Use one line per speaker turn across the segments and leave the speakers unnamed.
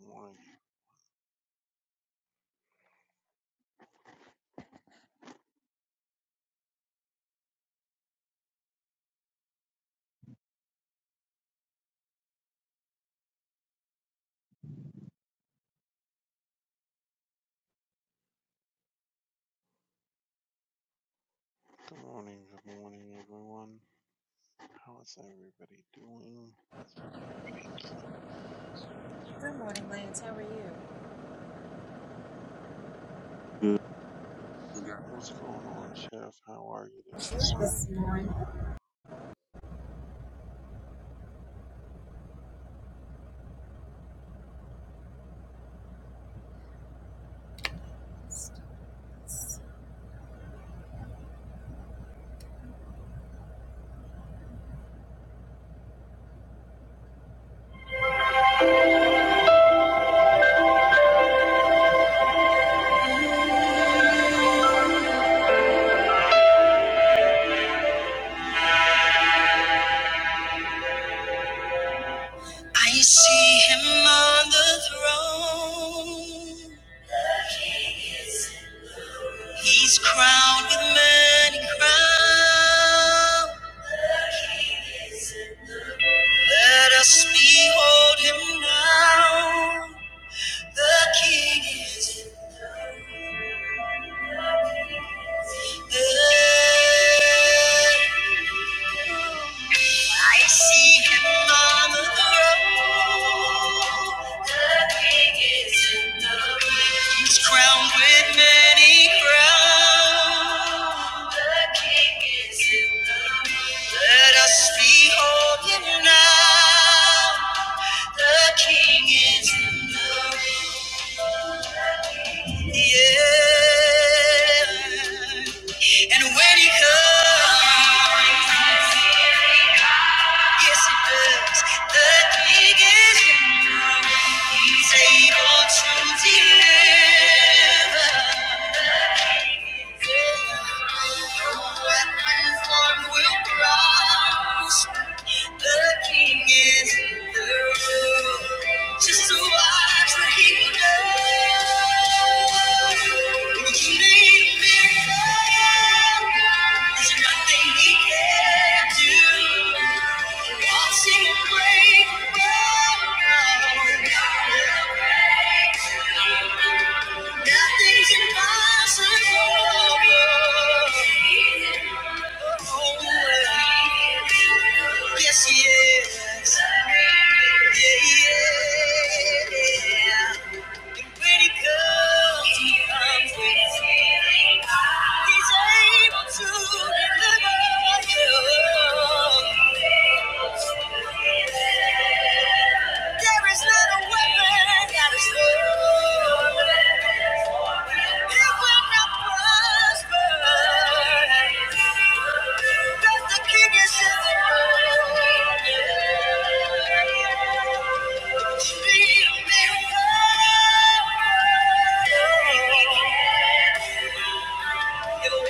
Morning. Good morning. Good morning, everyone. How is everybody doing? Good. What's going on, Chef? How are you this morning?
I see him on the throne. He's crowned with many crowns. Let us behold him now. The King is there. I see him on the throne. The King is in the room. He's crowned with many crowns. Let us behold him now. The King is in the room. Yeah. And when he comes, yes, it does. The King is in the room. He's able to deliver. Nothing's impossible. Yes, he is. Yeah, yeah. And when he comes, he comes with healing. He's able to deliver you. There is not a weapon that is formed. It will not prosper. That the king is in the room. Speak me, Lord. If you need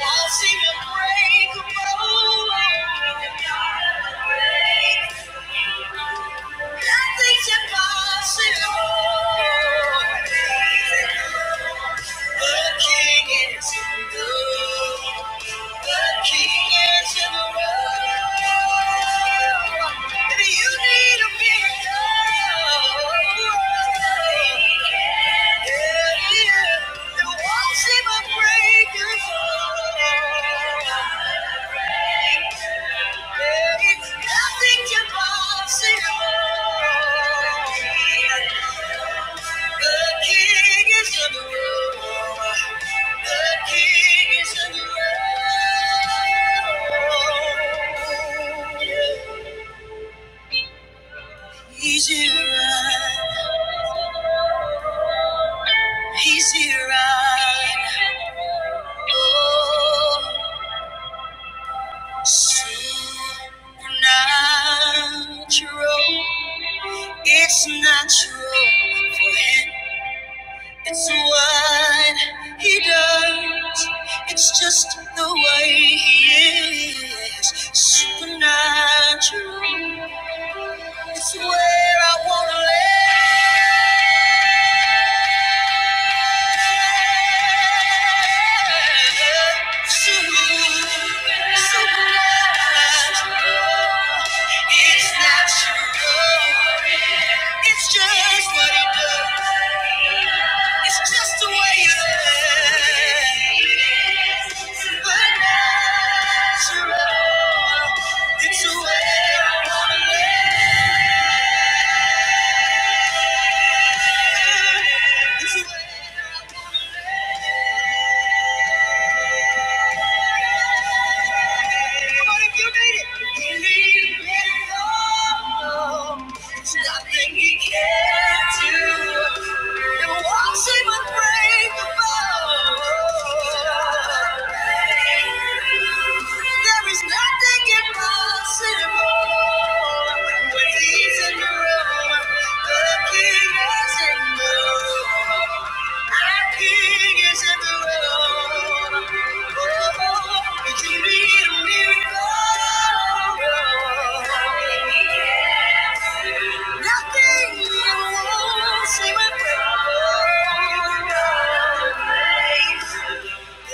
Yeah. He's here, right? he's here, right? oh. Supernatural, it's natural for him. It's what he does. It's just the way he is. Supernatural, it's where I wanna live. Supernatural. It's not your love. It's just what he does. It's just the way you live. But natural. It's the way I wanna live. It's the way What if you need it? You need it all. There's nothing he can't do. And watch him unbreakable. There is nothing impossible when he's in the room.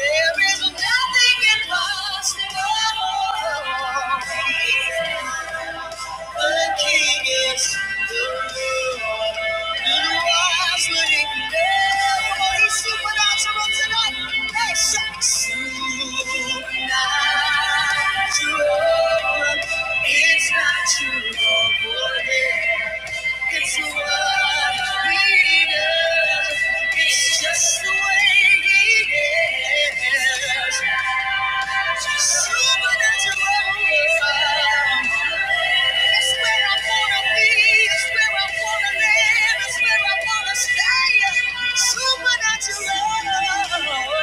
There is nothing impossible. The King is the Lord. To the wise, let it know. He's supernatural tonight. Hey, shout. Supernatural. It's not too long for him. It's what we do. It's just the way he is. Just Supernatural. it is. Supernatural.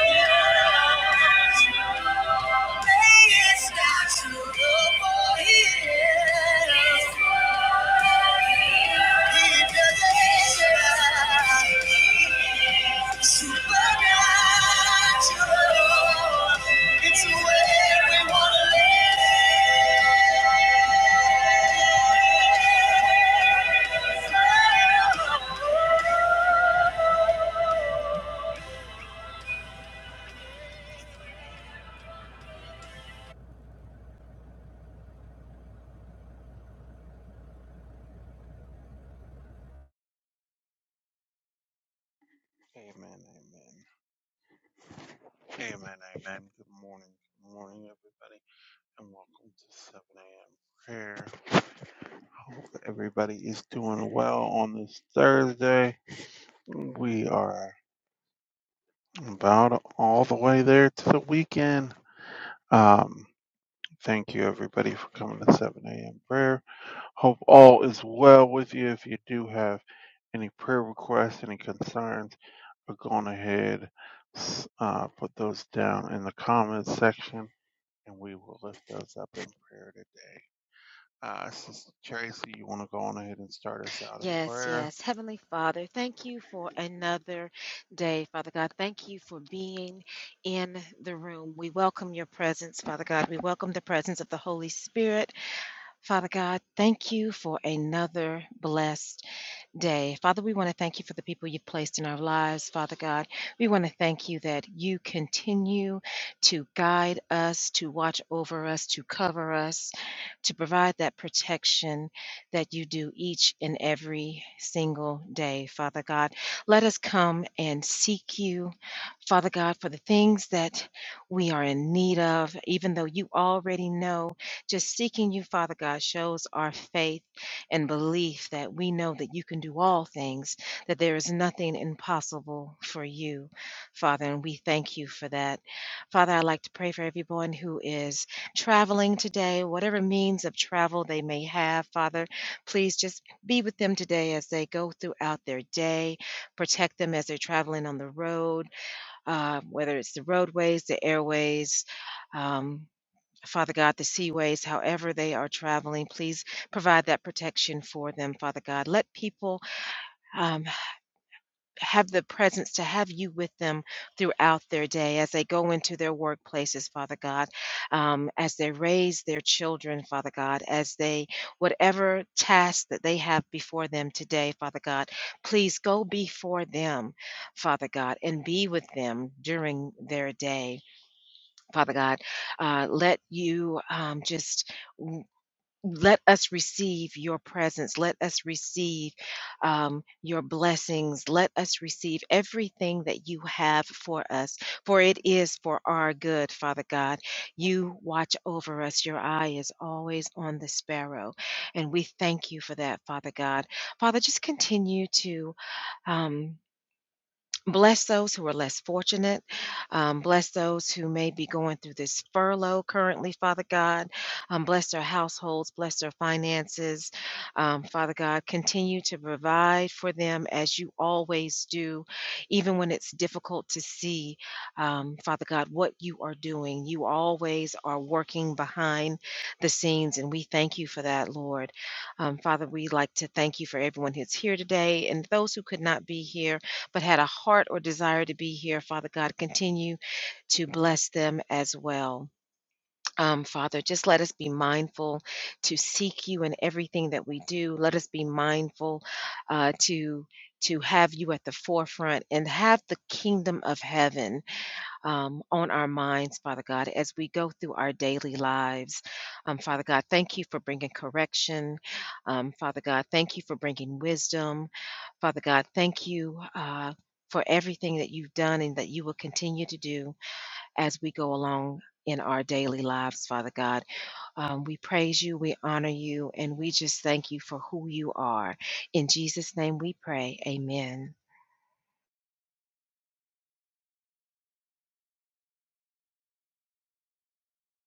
love. It's where we wanna live.
Amen. Amen. Amen. Amen. Good morning. Good morning, everybody, and welcome to 7 a.m. prayer. Hope everybody is doing well on this Thursday. We are about all the way there to the weekend. Um, Thank you, everybody, for coming to 7 a.m. prayer. Hope all is well with you. If you do have any prayer requests, any concerns, are going ahead, s- uh, put those down in the comments section, and we will lift those up in prayer today. Uh, Sister Tracy, you want to go on ahead and start us out in prayer?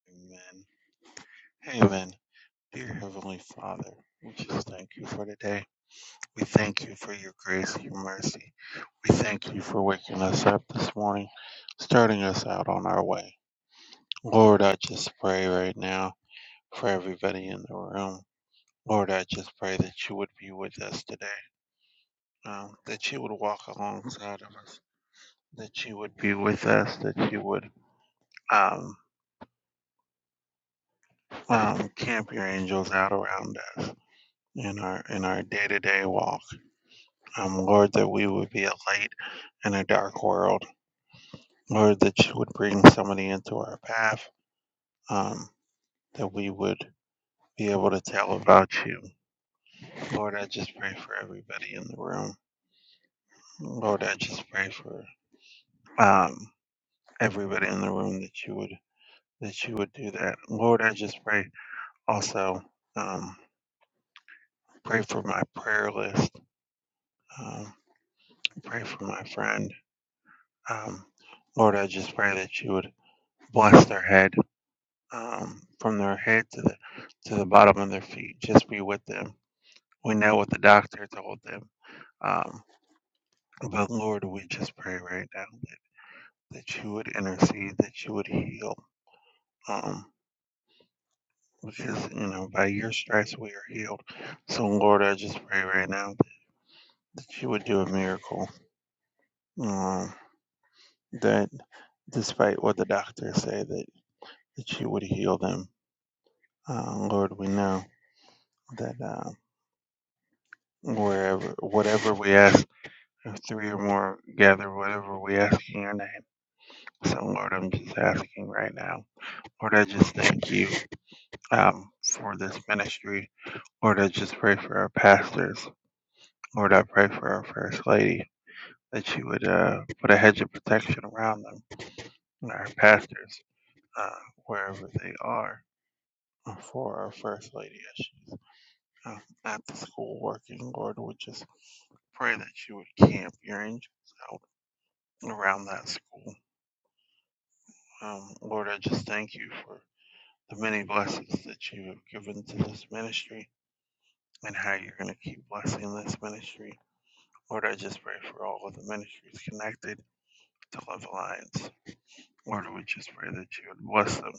Amen. Amen. Dear Heavenly Father, we just thank you for today. We thank you for your grace, and your mercy. We thank you for waking us up this morning, starting us out on our way. Lord, I just pray right now for everybody in the room. Lord, I just pray that you would be with us today, um, that you would walk alongside of us, that you would be with us, that you would um, um, camp your angels out around us in our in our day to day walk. Um, Lord, that we would be a light in a dark world, or that you would bring somebody into our path um, that we would be able to tell about you. Lord, I just pray for everybody in the room. Lord, I just pray for um, everybody in the room that you would that you would do that. Lord, I just pray also um, pray for my prayer list. Um, pray for my friend. Um, Lord, I just pray that you would bless their head um, from their head to the to the bottom of their feet. Just be with them. We know what the doctor told them, um, but Lord, we just pray right now that, that you would intercede, that you would heal, um, because you know by your stripes we are healed. So Lord, I just pray right now that, that you would do a miracle. Um, that despite what the doctors say, that that you would heal them. Uh, Lord, we know that uh, wherever whatever we ask If three or more gather whatever we ask in your name. So, Lord, I'm just asking right now. Lord, I just thank you um, for this ministry. Lord, I just pray for our pastors. Lord, I pray for our First Lady that you would uh, put a hedge of protection around them, our pastors, uh, wherever they are. uh, For our First Lady, as she's uh, at the school working, Lord, would just pray that you would camp your angels out around that school. Um, Lord, I just thank you for the many blessings that you have given to this ministry and how you're going to keep blessing this ministry. Lord, I just pray for all of the ministries connected to Love Alliance. Lord, we just pray that you would bless them.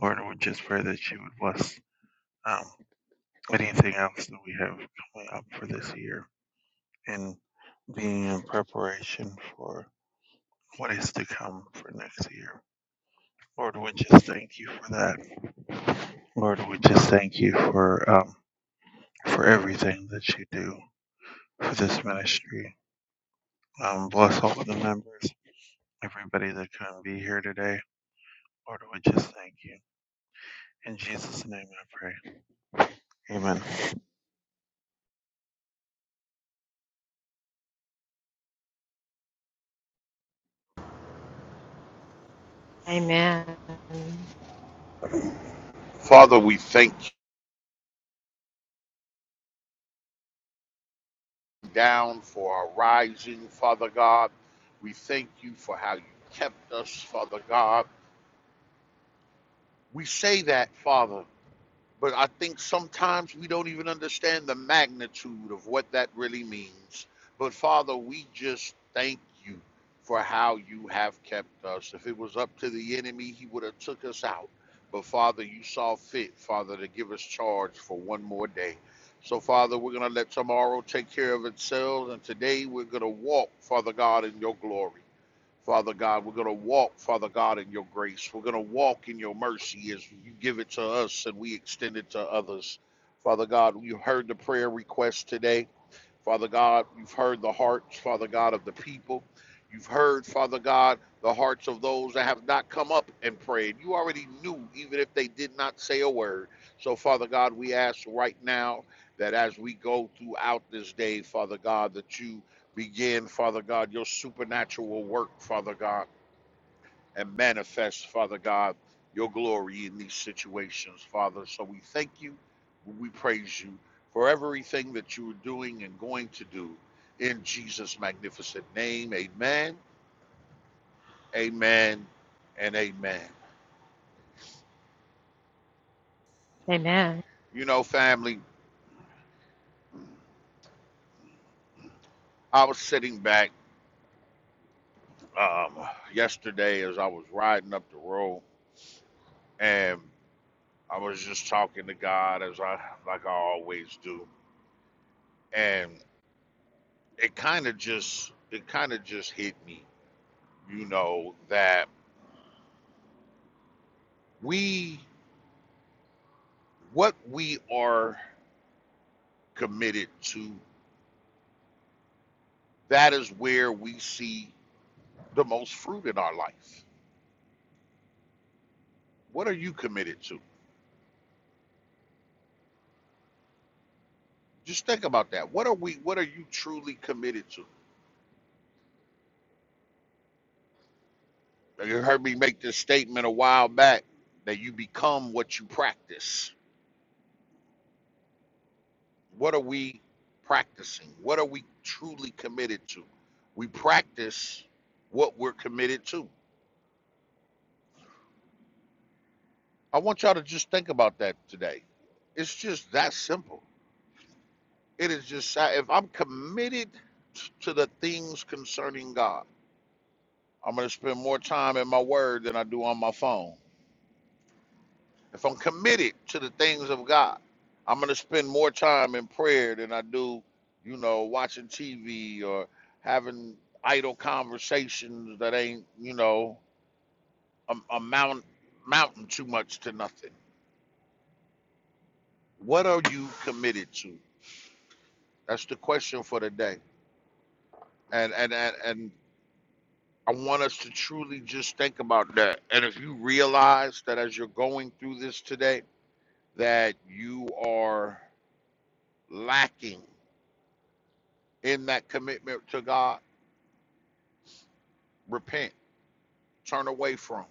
Lord, we just pray that you would bless um, anything else that we have coming up for this year and being in preparation for what is to come for next year. Lord, we just thank you for that. Lord, we just thank you for. um, for everything that you do for this ministry. Um, bless all of the members, everybody that couldn't be here today. Lord, we just thank you. In Jesus' name I pray. Amen.
Father, we thank you down for our rising, Father God. We thank you for how you kept us, Father God. We say that, Father. But I think sometimes we don't even understand the magnitude of what that really means. But Father, we just thank you for how you have kept us. If it was up to the enemy, he would have took us out. But Father, you saw fit, Father, to give us charge for one more day. So Father, we're going to let tomorrow take care of itself and today we're going to walk, Father God, in your glory. Father God. We're going to walk, Father God, in your grace. We're going to walk in your mercy as you give it to us and we extend it to others. Father God, you heard the prayer request today. Father God, you've heard the hearts, Father God, of the people. You've heard, Father God, the hearts of those that have not come up and prayed. You already knew, even if they did not say a word. So, Father God, we ask right now that as we go throughout this day, Father God, that you begin, Father God, your supernatural work, Father God, and manifest, Father God, your glory in these situations, Father. So we thank you, we praise you for everything that you are doing and going to do in Jesus' magnificent name. Amen, amen, and amen. You know, family, I was sitting back um, yesterday as I was riding up the road and I was just talking to God as I like I always do. And it kind of just it kind of just hit me you know that we what we are committed to that is where we see the most fruit in our life what are you committed to just think about that what are we what are you truly committed to you heard me make this statement a while back that you become what you practice what are we practicing what are we truly committed to we practice what we're committed to I want y'all to just think about that today. It's just that simple. It is just sa- if I'm committed to the things concerning God, I'm going to spend more time in my word than I do on my phone. If I'm committed to the things of God, I'm going to spend more time in prayer than I do, you know, watching TV or having idle conversations that ain't, you know, am- amount mountain too much to nothing. What are you committed to? That's the question for today. and and and, and I want us to truly just think about that. And if you realize that as you're going through this today, that you are lacking in that commitment to God, repent, turn away from,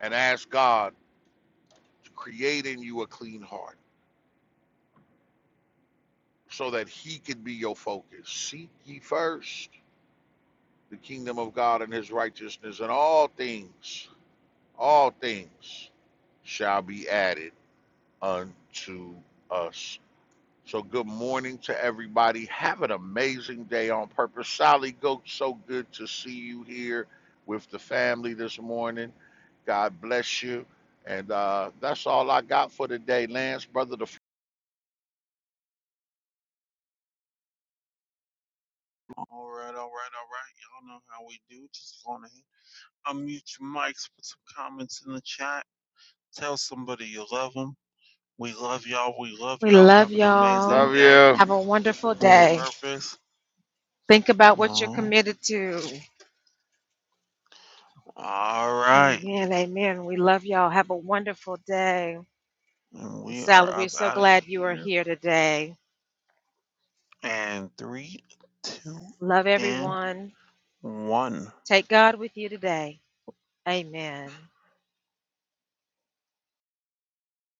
and ask God to create in you a clean heart so that He can be your focus. Seek ye first the kingdom of God and His righteousness, and all things, all things shall be added unto us. So good morning to everybody. Have an amazing day on purpose. Sally Goat, so good to see you here with the family this morning. God bless you. And uh, that's all I got for today, Lance, brother. The
All right, all right, all right. Y'all know how we do. Just go on ahead. Unmute your mics, put some comments in the chat. Tell somebody you love them. We love y'all. We love y'all. Have an amazing
Love
day
you.
on purpose. Oh, all right. And we are up out of here. And three, two, and one.